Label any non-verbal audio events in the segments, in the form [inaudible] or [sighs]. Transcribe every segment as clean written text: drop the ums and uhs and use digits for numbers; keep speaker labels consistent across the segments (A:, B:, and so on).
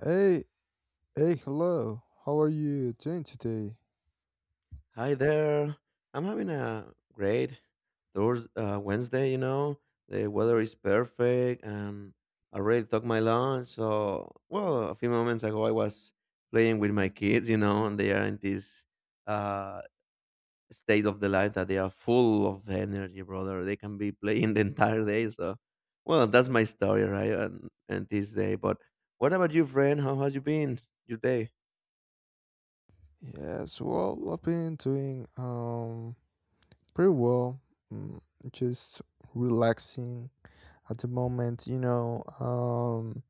A: Hey, hey, hello. How are you doing today?
B: Hi there. I'm having a great Thurs Wednesday. The weather is perfect and I already took my lunch. So, well, a few moments ago, I was playing with my kids, and they are in this uh, state of the life that they are full of energy, brother. They can be playing [laughs] the entire day. So, well, that's my story, right? And this day. But what about you, friend? How has you been your day?
A: Yes, well, I've been doing pretty well. Mm, just relaxing at the moment, you know,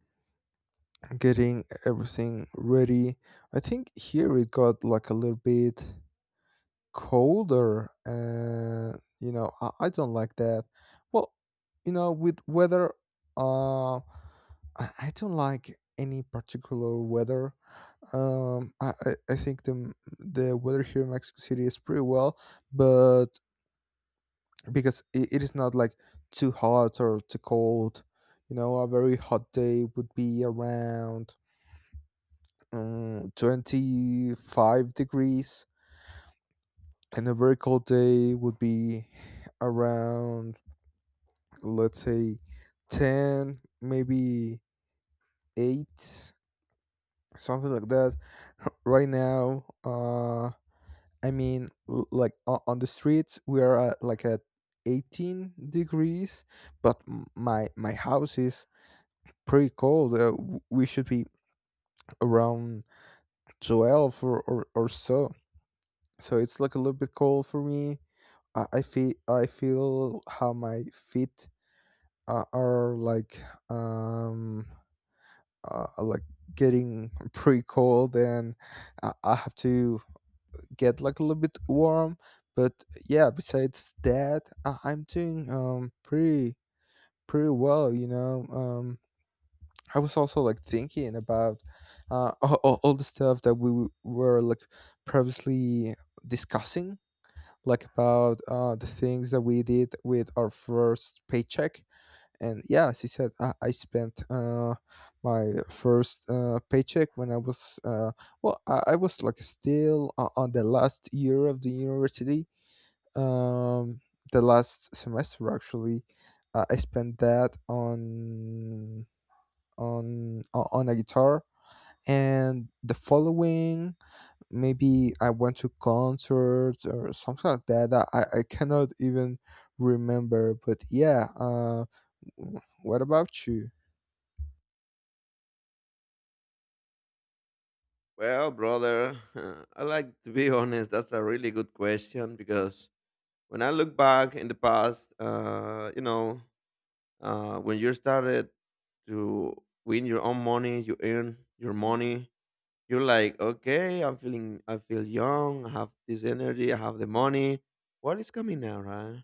A: getting everything ready. I think here it got like a little bit colder, and you know I don't like that. Well, you know, with weather, I don't like any particular weather. I think the weather here in Mexico City is pretty well, but because it is not like too hot or too cold. You know, a very hot day would be around 25 degrees, and a very cold day would be around, let's say, 10, maybe 8, something like that. [laughs] Right now, I mean, on the streets we are at, like, at 18 degrees, but my house is pretty cold. We should be around 12 or so. So it's like a little bit cold for me. I feel how my feet are like, um like, getting pretty cold, and I have to get, like, a little bit warm. But yeah, besides that, I'm doing pretty well, you know. I was also, like, thinking about all the stuff that we were, like, previously discussing, like about the things that we did with our first paycheck. And yeah, she said, I spent my first paycheck when I was well, I was, like, still on the last year of the university, um, the last semester, actually. I spent that on on a guitar, and the following, maybe I went to concerts or something like that. I cannot even remember, but yeah, w- what about you?
B: Well, brother, [laughs] I like to be honest. That's a really good question because when I look back in the past, when you started to win your own money, you earn your money. You're like, okay, I feel young. I have this energy. I have the money. What is coming now, right?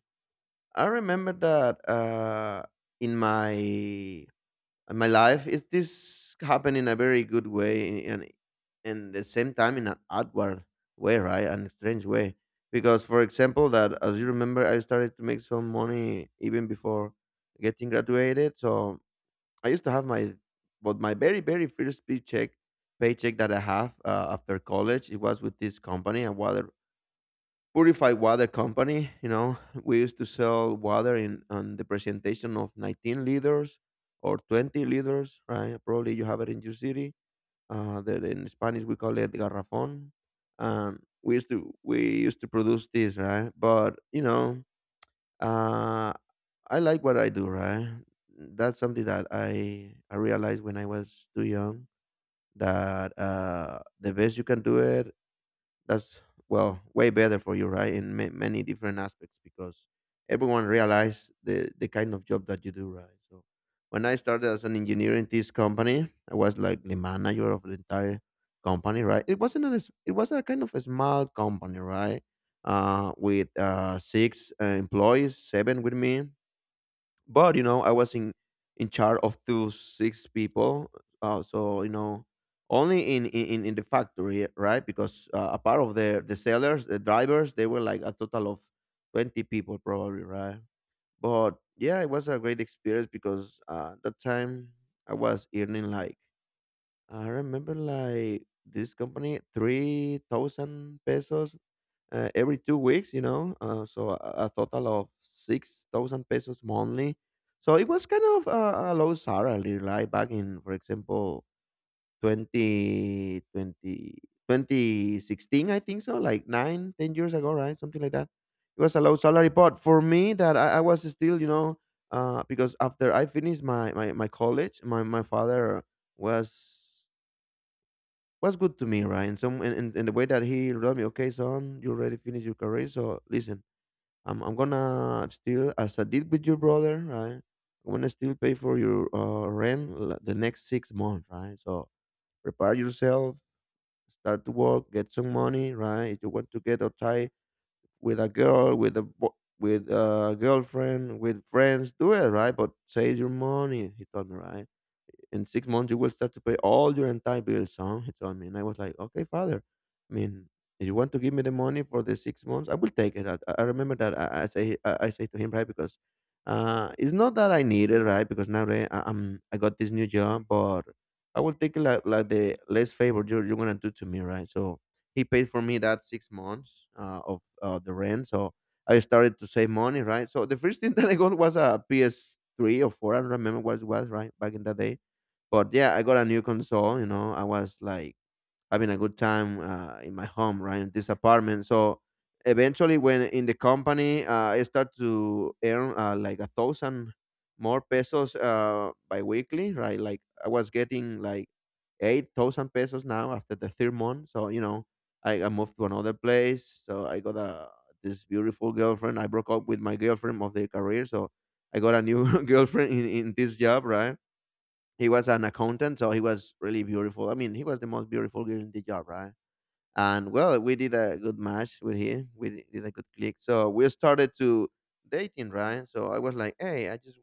B: I remember that in my in my life is this happened in a very good way and in the same time in an outward way, right, an strange way, because for example that as you remember I started to make some money even before getting graduated. So I used to have my but my very very first paycheck that I have after college. It was with this company, a water, purified water company. You know, we used to sell water in on the presentation of 19 liters or 20 liters, right? Probably you have it in your city. That in Spanish we call it garrafón. We used to produce this, right? But uh, I like what I do, right? That's something that I realized when I was too young, that the best you can do it, that's well way better for you, right, in many different aspects, because everyone realize the kind of job that you do, right? So when I started as an engineer in this company, I was like the manager of the entire company, right? It wasn't a, it was a kind of a small company, right? With six employees, seven with me. But I was in charge of two six people, uh, so you know, only in the factory, right? Because a part of the sellers, the drivers, they were like a total of 20 people probably, right? But yeah, it was a great experience because that time I was earning like, I remember, like this company 3,000 pesos every 2 weeks, so a total of 6,000 pesos monthly. So it was kind of a low salary, like back in, for example, 20 20 2016, I think so, like nine ten years ago, right? Something like that. It was a low salary, but for me, that I was still, because after I finished my college, my father was was good to me, right? And in the way, that he told me, okay, son, you already finished your career, so listen, I'm gonna still, as I did with your brother, right? I'm gonna still pay for your rent the next 6 months, right? So prepare yourself, start to work, get some money, right? If you want to get out tie with a girl, with a with a girlfriend, with friends, do it, right? But save your money, he told me, right? In 6 months you will start to pay all your entire bills, son, he told me. And I was like, okay, father, I mean, if you want to give me the money for the 6 months, I will take it. I remember that I say to him, right, because it's not that I need it, right, because now, right, I got this new job, but I will take it like the less favor you're going to do to me, right? So he paid for me that 6 months of the rent. So I started to save money, right? So the first thing [laughs] that I got was a PS3 or 4. I don't remember what it was, right? Back in that day. But yeah, I got a new console. You know, I was like having a good time in my home, right, in this apartment. So eventually, when in the company, I start to earn like a thousand more pesos biweekly, right? Like I was getting like 8,000 pesos now after the third month. So I moved to another place. So I got a this beautiful girlfriend. I broke up with my girlfriend of the career. So I got a new [laughs] girlfriend in this job, right? He was an accountant, so he was really beautiful. I mean, he was the most beautiful girl in the job, right? And well, we did a good match with him. We did a good click. So we started to dating, right? So I was like, hey, I just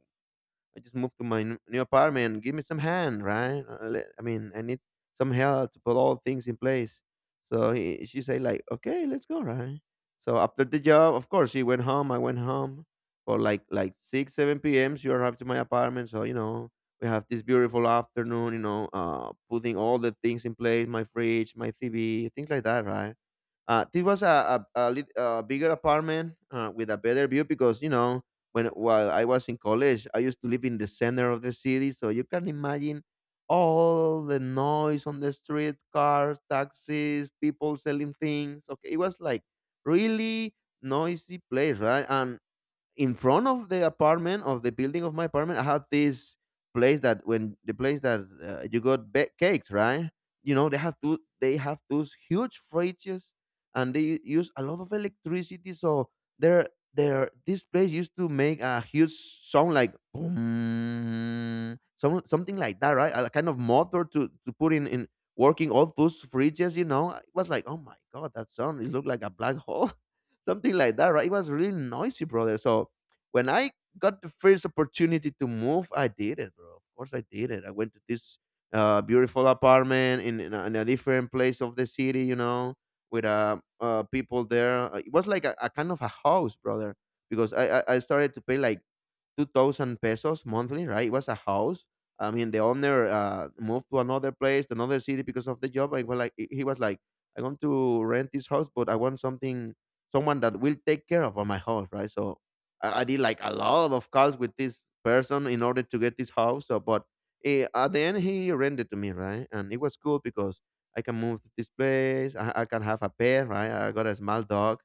B: I just moved to my new apartment. Give me some hand, right? I mean, I need some help to put all things in place. So she said, like, okay, let's go, right? So after the job, of course, she went home. I went home for like six, seven p.m. She arrived to my apartment. So we have this beautiful afternoon. Putting all the things in place, my fridge, my TV, things like that, right? This was a bigger apartment with a better view, because you know when while I was in college, I used to live in the center of the city, so you can imagine all the noise on the street, cars, taxis, people selling things. Okay, it was like really noisy place, right? And in front of the apartment of the building of my apartment, I have this place that, when the place that you got cakes, right? You know they have those huge fridges, and they use a lot of electricity, so there, this place used to make a huge sound like boom, something like that, right, a kind of motor to put in working all those fridges. It was like, oh my god, that sound, it looked like a black hole, something like that, right? It was really noisy, brother. So when I got the first opportunity to move, I did it, bro. Of course, I did it. I went to this beautiful apartment in a different place of the city, with people there. It was like a kind of a house, brother, because I started to pay like 2,000 pesos monthly, right? It was a house. I mean, the owner moved to another place, another city because of the job. I was like, he was like, I want to rent this house, but I want something someone that will take care of my house, right? So I did like a lot of calls with this person in order to get this house. So, but at the end, he rented to me, right? And it was cool because I can move to this place. I can have a pet, right? I got a small dog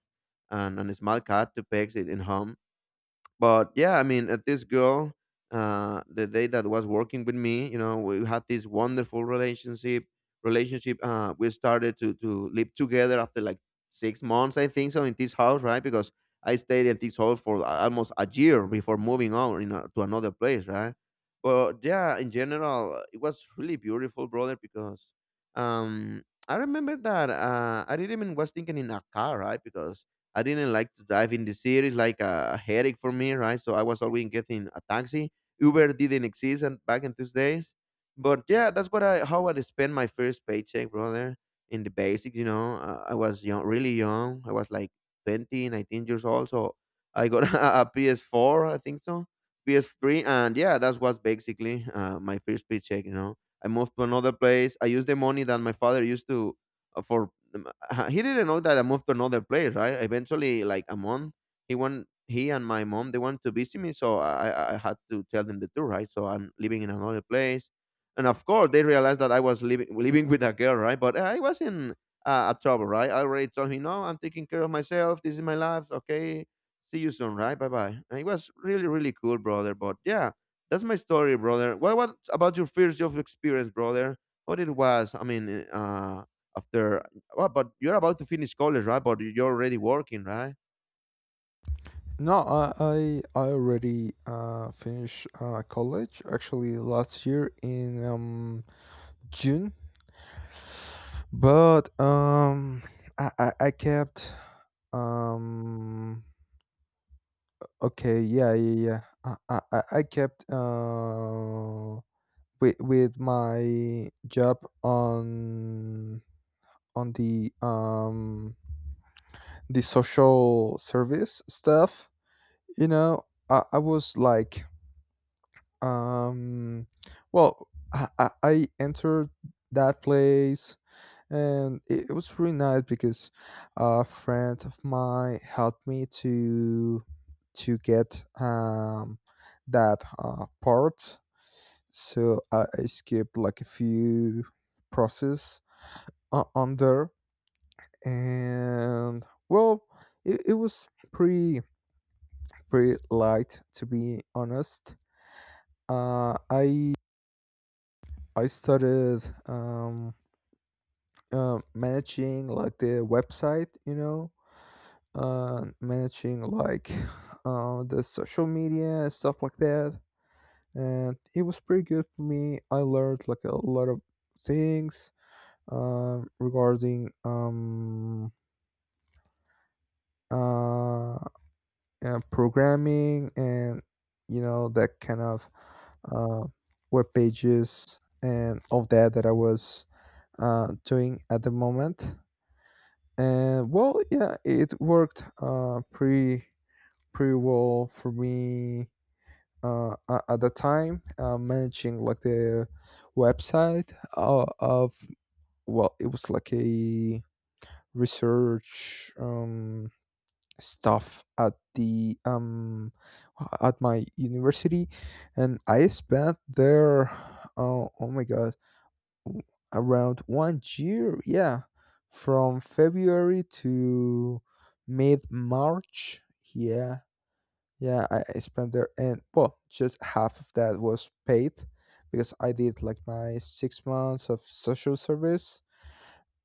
B: and a small cat to pet in home. But yeah, I mean, this girl, the day that was working with me, we had this wonderful relationship. We started to live together after like 6 months, I think so, in this house, right? Because I stayed at this house for almost a year before moving on, to another place, right? But yeah, in general, it was really beautiful, brother, because um I remember that I didn't even was thinking in a car, right, because I didn't like to drive in the city. It's like a headache for me, right? So I was always getting a taxi. Uber didn't exist and back in those days. But yeah, that's what I how I spent my first paycheck, brother, in the basics. I was young, really young. I was like 20, 19 years old. So I got [laughs] a, PS4, I think so, PS3, and yeah, that was basically my first paycheck. I moved to another place. I used the money that my father used to for, he didn't know that I moved to another place, right? Eventually, like a month, he went. He and my mom they wanted to visit me, so I had to tell them the truth, right? So I'm living in another place, and of course they realized that I was living with a girl, right? But I was in a trouble, right? I already told him, no, I'm taking care of myself. This is my life. Okay, see you soon, right? Bye bye. And it was really cool, brother. But yeah, that's my story, brother. What about your first job experience, brother? What it was? I mean, uh, after well, but you're about to finish college, right? But you're already working, right?
A: No, I already finished college, actually, last year in June, but I kept um okay, yeah, yeah, yeah, I kept with my job on on the um the social service stuff, you know. I was, like, Um, well, I entered that place, and it was really nice because a friend of mine helped me to get that part. So I skipped, like, a few process on there, and, well, it was pretty light, to be honest. Uh, I I started, um managing, like, the website, you know, managing, like, [laughs] the social media and stuff like that. And it was pretty good for me. I learned, like, a lot of things, regarding, uh, programming, and, you know, that kind of uh, web pages and all that that I was doing at the moment. And, well, yeah, it worked pretty well for me at the time, managing, like, the website of, well, it was like a research stuff at the at my university, and I spent there. Oh, oh my god! Around 1 year, yeah, from February to mid march yeah. Yeah, I spent there, and, well, just half of that was paid because I did, like, my 6 months of social service,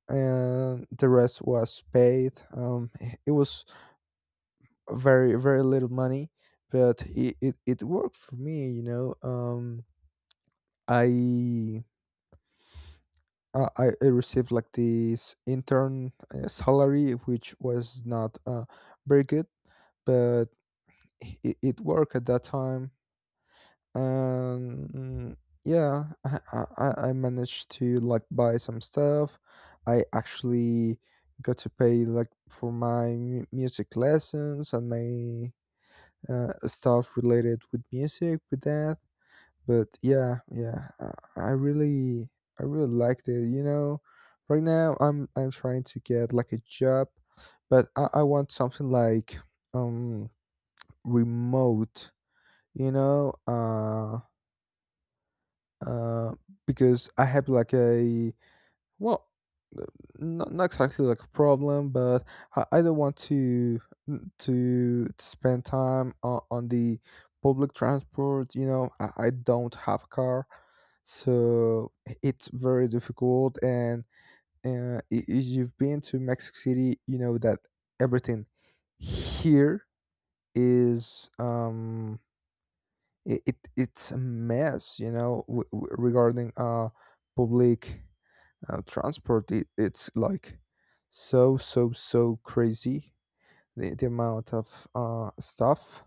A: and the rest was paid, [laughs] it was very, very little money, but it worked for me, you know. I I received, like, this intern salary, which was not very good, but it worked at that time. And yeah, I managed to, like, buy some stuff. I actually got to pay, like, for my music lessons and my stuff related with music with that. But yeah, yeah, I really, I really liked it. You know, right now I'm trying to get, like, a job, but I want something, like, um remote. You know, uh, because I have, like, a, well, not exactly like a problem, but I don't want to spend time on the public transport. You know, I don't have a car, so it's very difficult. And if you've been to Mexico City, you know that everything here is, it's a mess, you know, regarding public transport. It's like so, so, so crazy, the amount of stuff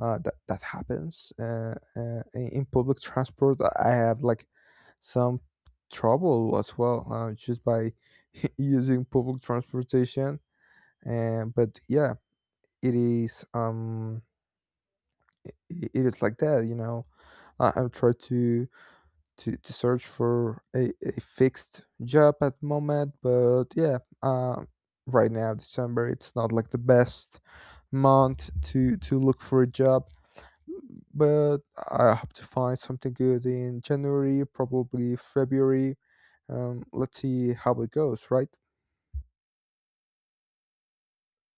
A: that happens, in public transport. I have, like, some trouble as well, just by [laughs] using public transportation. And but yeah, it is, it is like that. You know, I'm trying to search for a fixed job at the moment, but yeah. Right now, December, it's not, like, the best month to look for a job. But I hope to find something good in January, probably February. Let's see how it goes, right?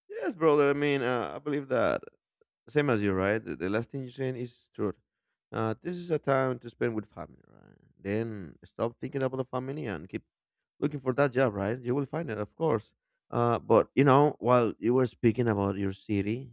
B: Yes, brother. I mean, I believe that same as you, right? The last thing you're saying is true. This is a time to spend with family, right? Then stop thinking about the family and keep looking for that job, right? You will find it, of course. But you know, while you were speaking about your city,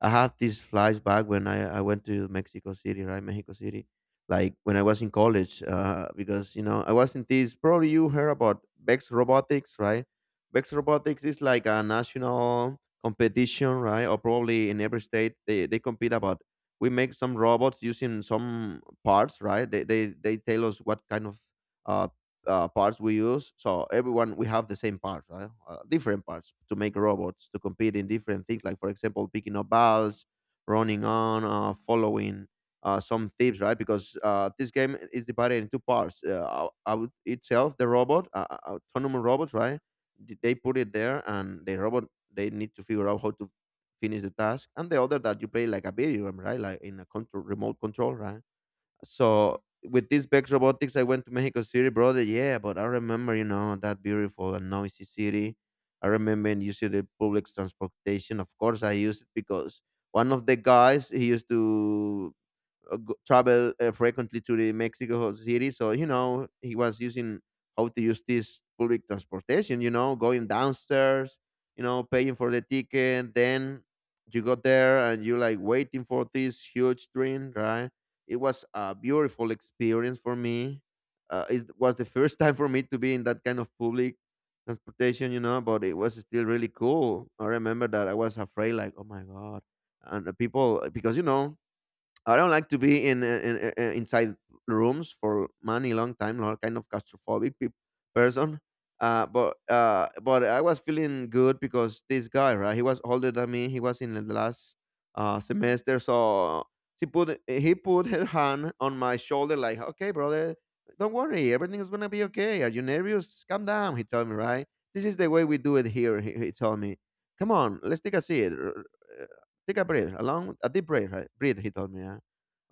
B: I have these flashback when I went to Mexico City, right? Mexico City, like when I was in college, because you know I was in this. Probably you heard about Bex Robotics, right? Bex Robotics is like a national competition, right? Or probably in every state they compete about. We make some robots using some parts, right? They they tell us what kind of uh, parts we use. So everyone we have the same parts, right? Uh, different parts to make robots to compete in different things. Like for example, picking up balls, running on, following some tips, right? Because this game is divided into parts. Out itself, the robot, autonomous robots, right? Th- They put it there, and the robot they need to figure out how to finish the task. And the other that you play like a video game, right? Like in a control, remote control, right? So with this Bex Robotics, I went to Mexico City, brother. Yeah, but I remember, you know, that beautiful and noisy city. I remember and using the public transportation. Of course, I used it because one of the guys he used to travel frequently to the Mexico City, so you know he was using how to use this public transportation. You know, going downstairs, you know, paying for the ticket, then you got there and you're like waiting for this huge train, right? It was a beautiful experience for me. It was the first [laughs] time for me to be in that kind of public transportation, you know, but it was still really cool. I remember that I was afraid, like, oh my god, and the people because you know I don't like to be in, inside rooms for many long time. Not kind of person. But I was feeling good because this guy, right? He was older than me. He was in the last semester, so she put he put her hand on my shoulder, like, "Okay, brother, don't worry, everything's gonna be okay. Are you nervous? Calm down." He told me, right? This is the way we do it here. He told me, "Come on, let's take a seat. Take a breath, a deep breath, right? Breathe," he told me. Yeah.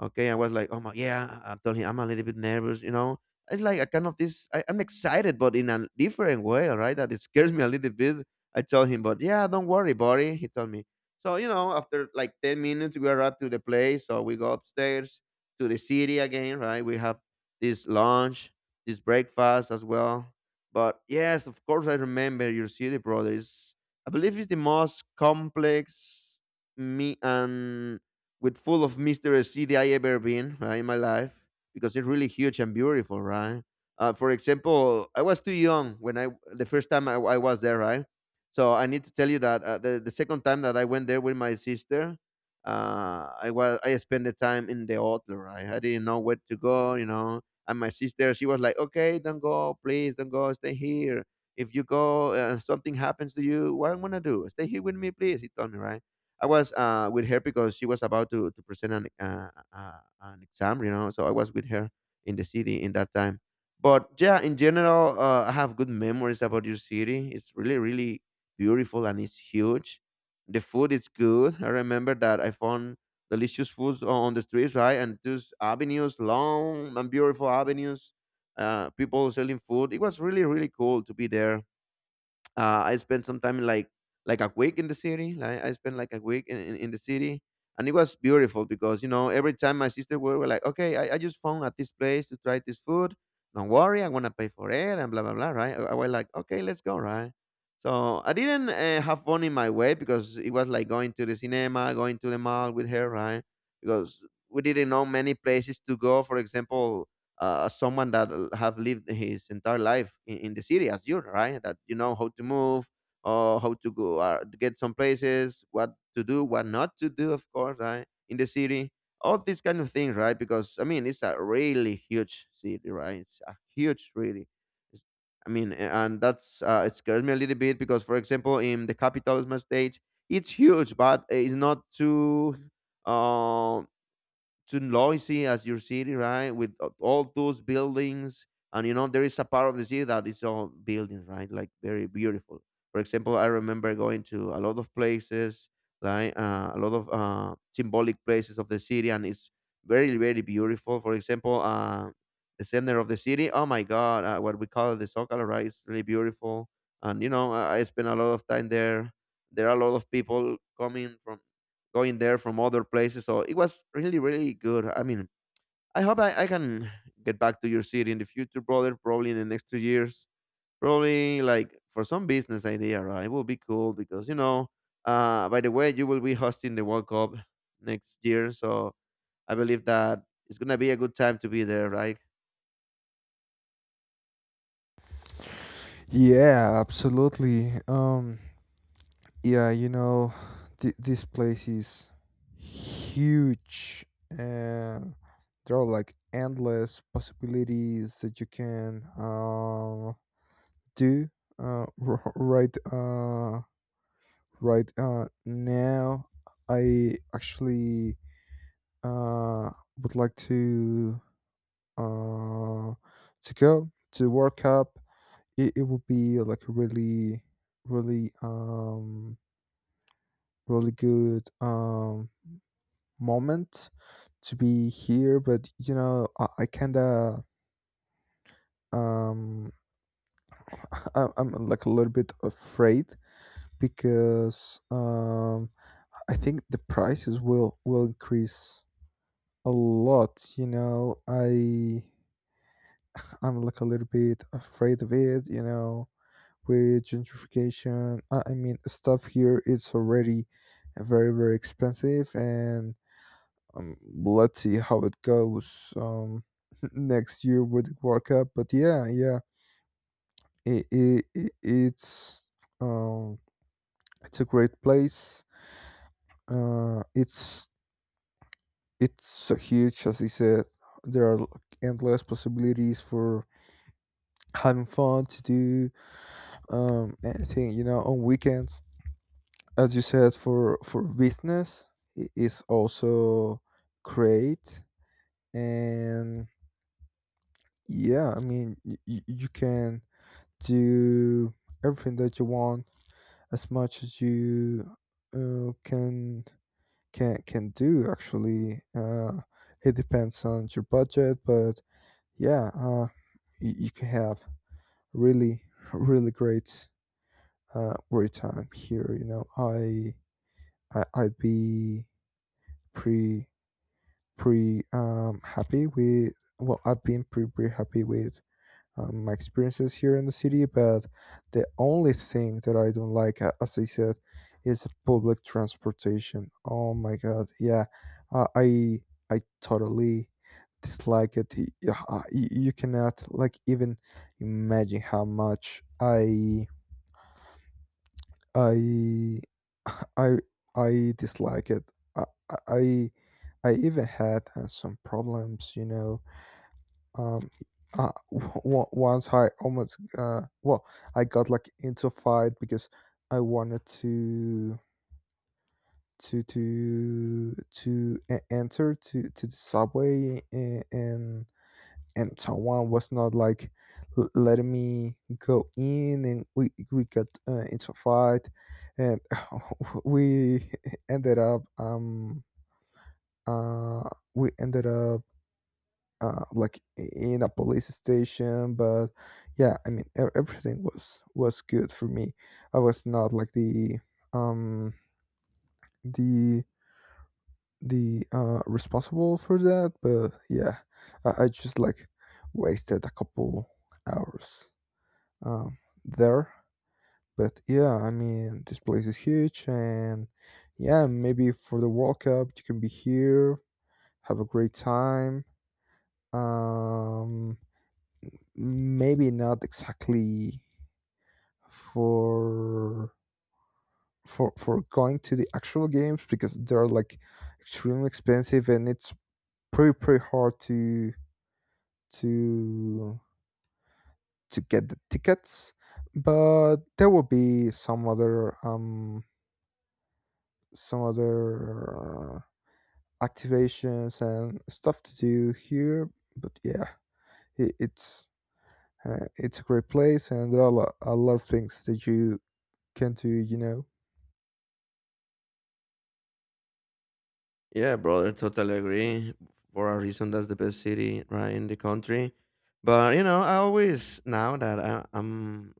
B: Okay, I was like, oh my, yeah. I told him I'm a little bit nervous, you know. It's like a kind of this. I'm excited, but in a different way, all right? That it scares me a little bit. I told him, but yeah, don't worry, buddy. He told me. So you know, after like 10 minutes, we are up to the place. So we go upstairs to the city again, right? We have this lunch, this breakfast as well. But yes, of course, I remember your city, brother. It's, I believe it's the most complex me and with full of mysterious city I ever been right, in my life because it's really huge and beautiful, right? For example, I was too young when I the first time I was there, right? So I need to tell you that the second time that I went there with my sister, I spent the time in the hotel, right? I didn't know where to go, you know. And my sister, she was like, "Okay, don't go, please, don't go, stay here. If you go and something happens to you, what I'm gonna do? Stay here with me, please." He told me, right? I was with her because she was about to present an exam, you know. So I was with her in the city in that time. But yeah, in general, I have good memories about your city. It's really, really beautiful and it's huge. The food is good. I remember that I found delicious foods on the streets, right? And those avenues, long and beautiful avenues, people selling food. It was really, really cool to be there I spent some time like a week in the city. Like I spent like a week in the city, and it was beautiful because you know every time my sister were like, okay, I just found at this place to try this food. Don't worry, I'm gonna pay for it and blah blah blah. Right? I was like, okay, let's go. Right? So I didn't have fun in my way because it was like going to the cinema, going to the mall with her. Right? Because we didn't know many places to go. For example, someone that have lived his entire life in the city as you, right? That you know how to move, or how to go, to get some places, what to do, what not to do, of course, right? In the city, all these kind of things, right? Because I mean, it's a really huge city, right? It's a huge, really. It's, I mean, and that's it scares me a little bit because, for example, in the capital of my state, it's huge, but it's not too um to Loisy as your city, right? With all those buildings, and you know there is a part of the city that is all buildings, right? Like very beautiful. For example, I remember going to a lot of places, like a lot of symbolic places of the city, and it's very very beautiful. For example, the center of the city. Oh my God, what we call the Zócalo, right? It's really beautiful, and you know I spent a lot of time there. There are a lot of people coming from going there from other places. So it was really, really good. I mean, I hope I can get back to your city in the future, brother. Probably in the next 2 years. Probably like for some business idea, right? It will be cool because you know. By the way, you will be hosting the World Cup next year, so I believe that it's gonna be a good time to be there, right?
A: Yeah, absolutely. Yeah, you know, this place is huge, and there are, like, endless possibilities that you can, do uh, r- right uh, right now. I actually, uh, would like to, uh, to go to the World Cup. It would be like a really, really, really good moment to be here. But, you know, I kind of, um, [laughs] I'm like a little bit afraid because, I think the prices will increase a lot. You know, I'm like a little bit afraid of it, you know, with gentrification. I mean, stuff here is already very, very expensive, and, um, let's see how it goes, [laughs] next year with the World Cup. But yeah, yeah, it, it, it, it's um, it's a great place. Uh, it's it's so huge, as I said. There are, like, endless possibilities for having fun, to do anything, you know, on weekends. As you said, for business, is also great. And yeah, I mean, you can do everything that you want, as much as you uh, can can do, actually. It depends on your budget, but yeah, you can have really, great, great time here, you know. I'd be pretty pretty happy with. Well, I've been pretty happy with, my experiences here in the city, but the only thing that I don't like, as I said, is public transportation. Oh my god, yeah. Uh, I I totally dislike it. Yeah, you cannot, like, even imagine how much I [sighs] [laughs] I I dislike it. I I I I even had some problems, you know. um Once I almost, well, I got, like, into a fight because I wanted enter to the subway, and and someone was not, like, letting me go in, and we got, into a fight, and [laughs] we ended up um uh we ended up, like, in a police station. But yeah, I mean, everything was good for me. I was not, like, um the the responsible for that, but yeah, I just, like, wasted a couple hours um there. But yeah, I mean, this place is huge, and yeah, maybe for the World Cup you can be here, have a great time. um Maybe not exactly for going to the actual games, because they're, like, extremely expensive, and it's pretty hard to to get the tickets. But there will be some other activations and stuff to do here. But yeah, it, it's it's a great place, and there are a lot of things that you can do, you know.
B: Yeah, brother, totally agree. For a reason, that's the best city right in the country. But you know, I always now that I'm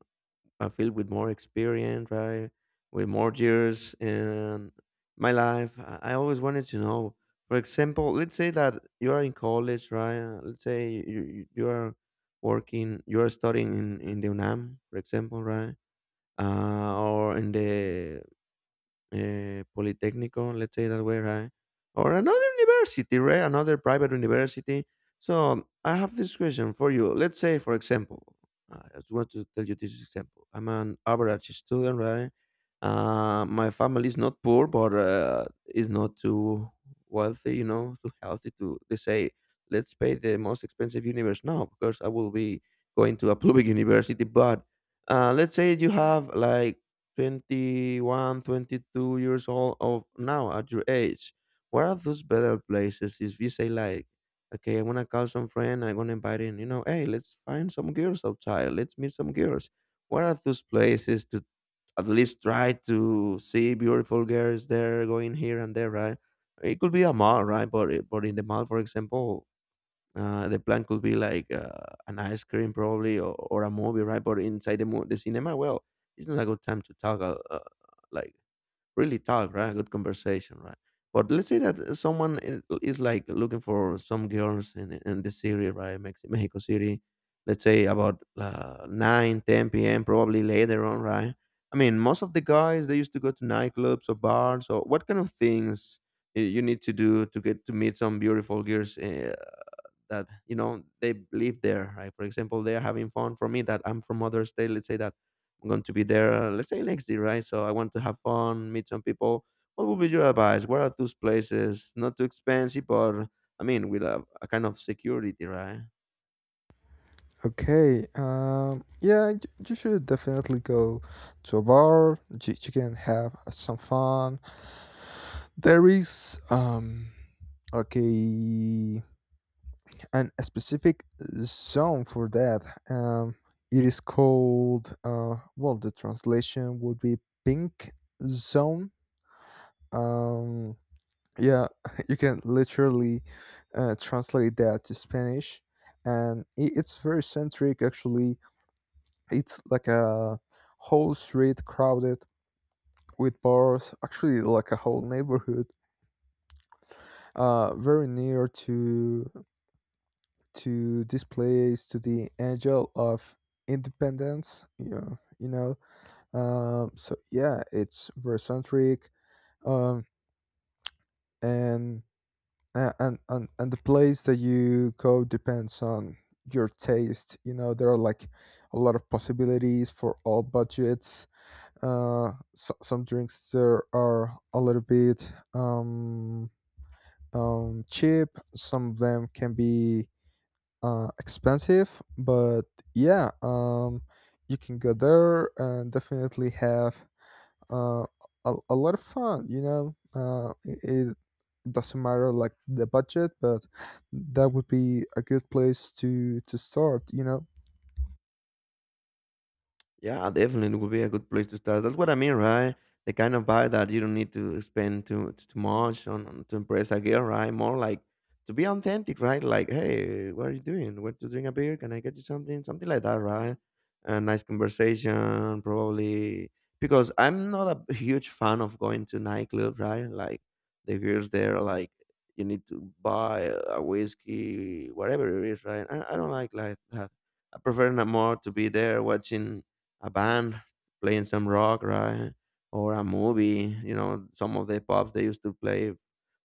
B: I feel with more experience, right? With more years in my life. I always wanted to know, for example, let's say that you are in college, right? Let's say you are working, you are studying in the UNAM, for example, right? Or in the polytechnico, let's say that way, right? Or another university, right? Another private university. So I have this question for you. Let's say, for example, I just want to tell you this example. I'm an average student, right? My family is not poor, but is not too wealthy, you know, too healthy to. They say, let's pay the most expensive universe now because I will be going to a public [laughs] university. But let's say you have like 21 22 years old of now at your age. What are those better places? If you say like, okay, I'm gonna call some friend, I'm gonna invite in, you know, hey, let's find some girls outside, let's meet some girls. What are those places to at least try to see beautiful girls there going here and there, right? It could be a mall, right? But eh, but in the mall, for example, the plan could be like an ice cream, probably, or a movie, right? But inside the the cinema, well, it's not a good time to talk, like really talk, right? A good conversation, right? But let's say that someone is like looking for some girls in the city, right? Mexico City. Let's say about 9 p.m., probably later on, right? I mean, most of the guys they used to go to nightclubs or bars or what kind of things you need to do to get to meet some beautiful girls that you know they live there, right? For example, they're having fun. For me that I'm from other state, let's say that I'm going to be there let's say next year, right? So I want to have fun, meet some people. What would be your advice? Where are those places not too expensive but I mean with a kind of security, right?
A: Okay. Yeah, you should definitely go to a bar. You can have some fun. There is. Okay, and a specific zone for that. Um, it is called. Well, the translation would be pink zone. Um. Yeah, [laughs] you can literally translate that to Spanish, and it's very centric, actually. It's like a whole street crowded with bars, actually like a whole neighborhood, very near to this place, to the Angel of Independence. Yeah, you know, so yeah, it's very centric, um, and and the place that you go depends on your taste. You know, there are, like, a lot of possibilities for all budgets. So, some drinks there are a little bit, cheap. Some of them can be expensive, but yeah, you can go there and definitely have, uh a lot of fun, you know. It doesn't matter, like, the budget, but that would be a good place to start, you know.
B: Yeah, definitely would be a good place to start. That's what I mean, right? The kind of vibe that you don't need to spend too much on to impress a girl, right? More like to be authentic, right? Like, hey, what are you doing? Want to drink a beer? Can I get you something? Something like that, right? A nice conversation, probably. Because I'm not a huge fan of going to nightclubs, right? Like the girls there, are like you need to buy a whiskey, whatever it is, right? I don't like that. I prefer not more to be there watching a band playing some rock, right? Or a movie, you know, some of the pubs they used to play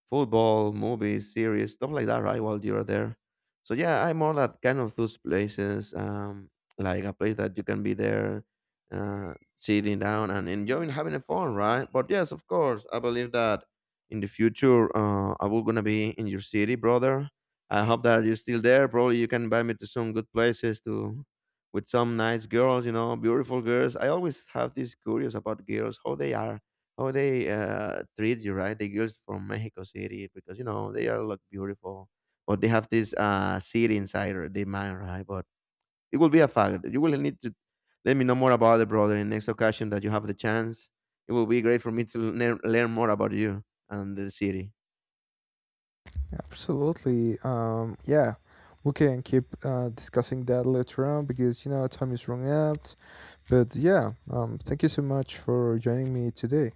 B: football, movies, series, stuff like that, right? While you're there. So yeah, I'm more that kind of those places, like a place that you can be there, sitting down and enjoying having a fun, right? But yes, of course, I believe that in the future, I will gonna be in your city, brother. I hope that you're still there. Probably you can invite me to some good places to with some nice girls, you know, beautiful girls. I always have this curious about girls, how they are, how they treat you, right? The girls from Mexico City, because you know they are look beautiful, but they have this city inside or their mind, right? But it will be a fact. You will need to let me know more about it, brother. In next occasion that you have the chance, it will be great for me to learn, learn more about you and the city.
A: Absolutely. Yeah, we can keep discussing that later on because, you know, time is running out. But yeah, thank you so much for joining me today.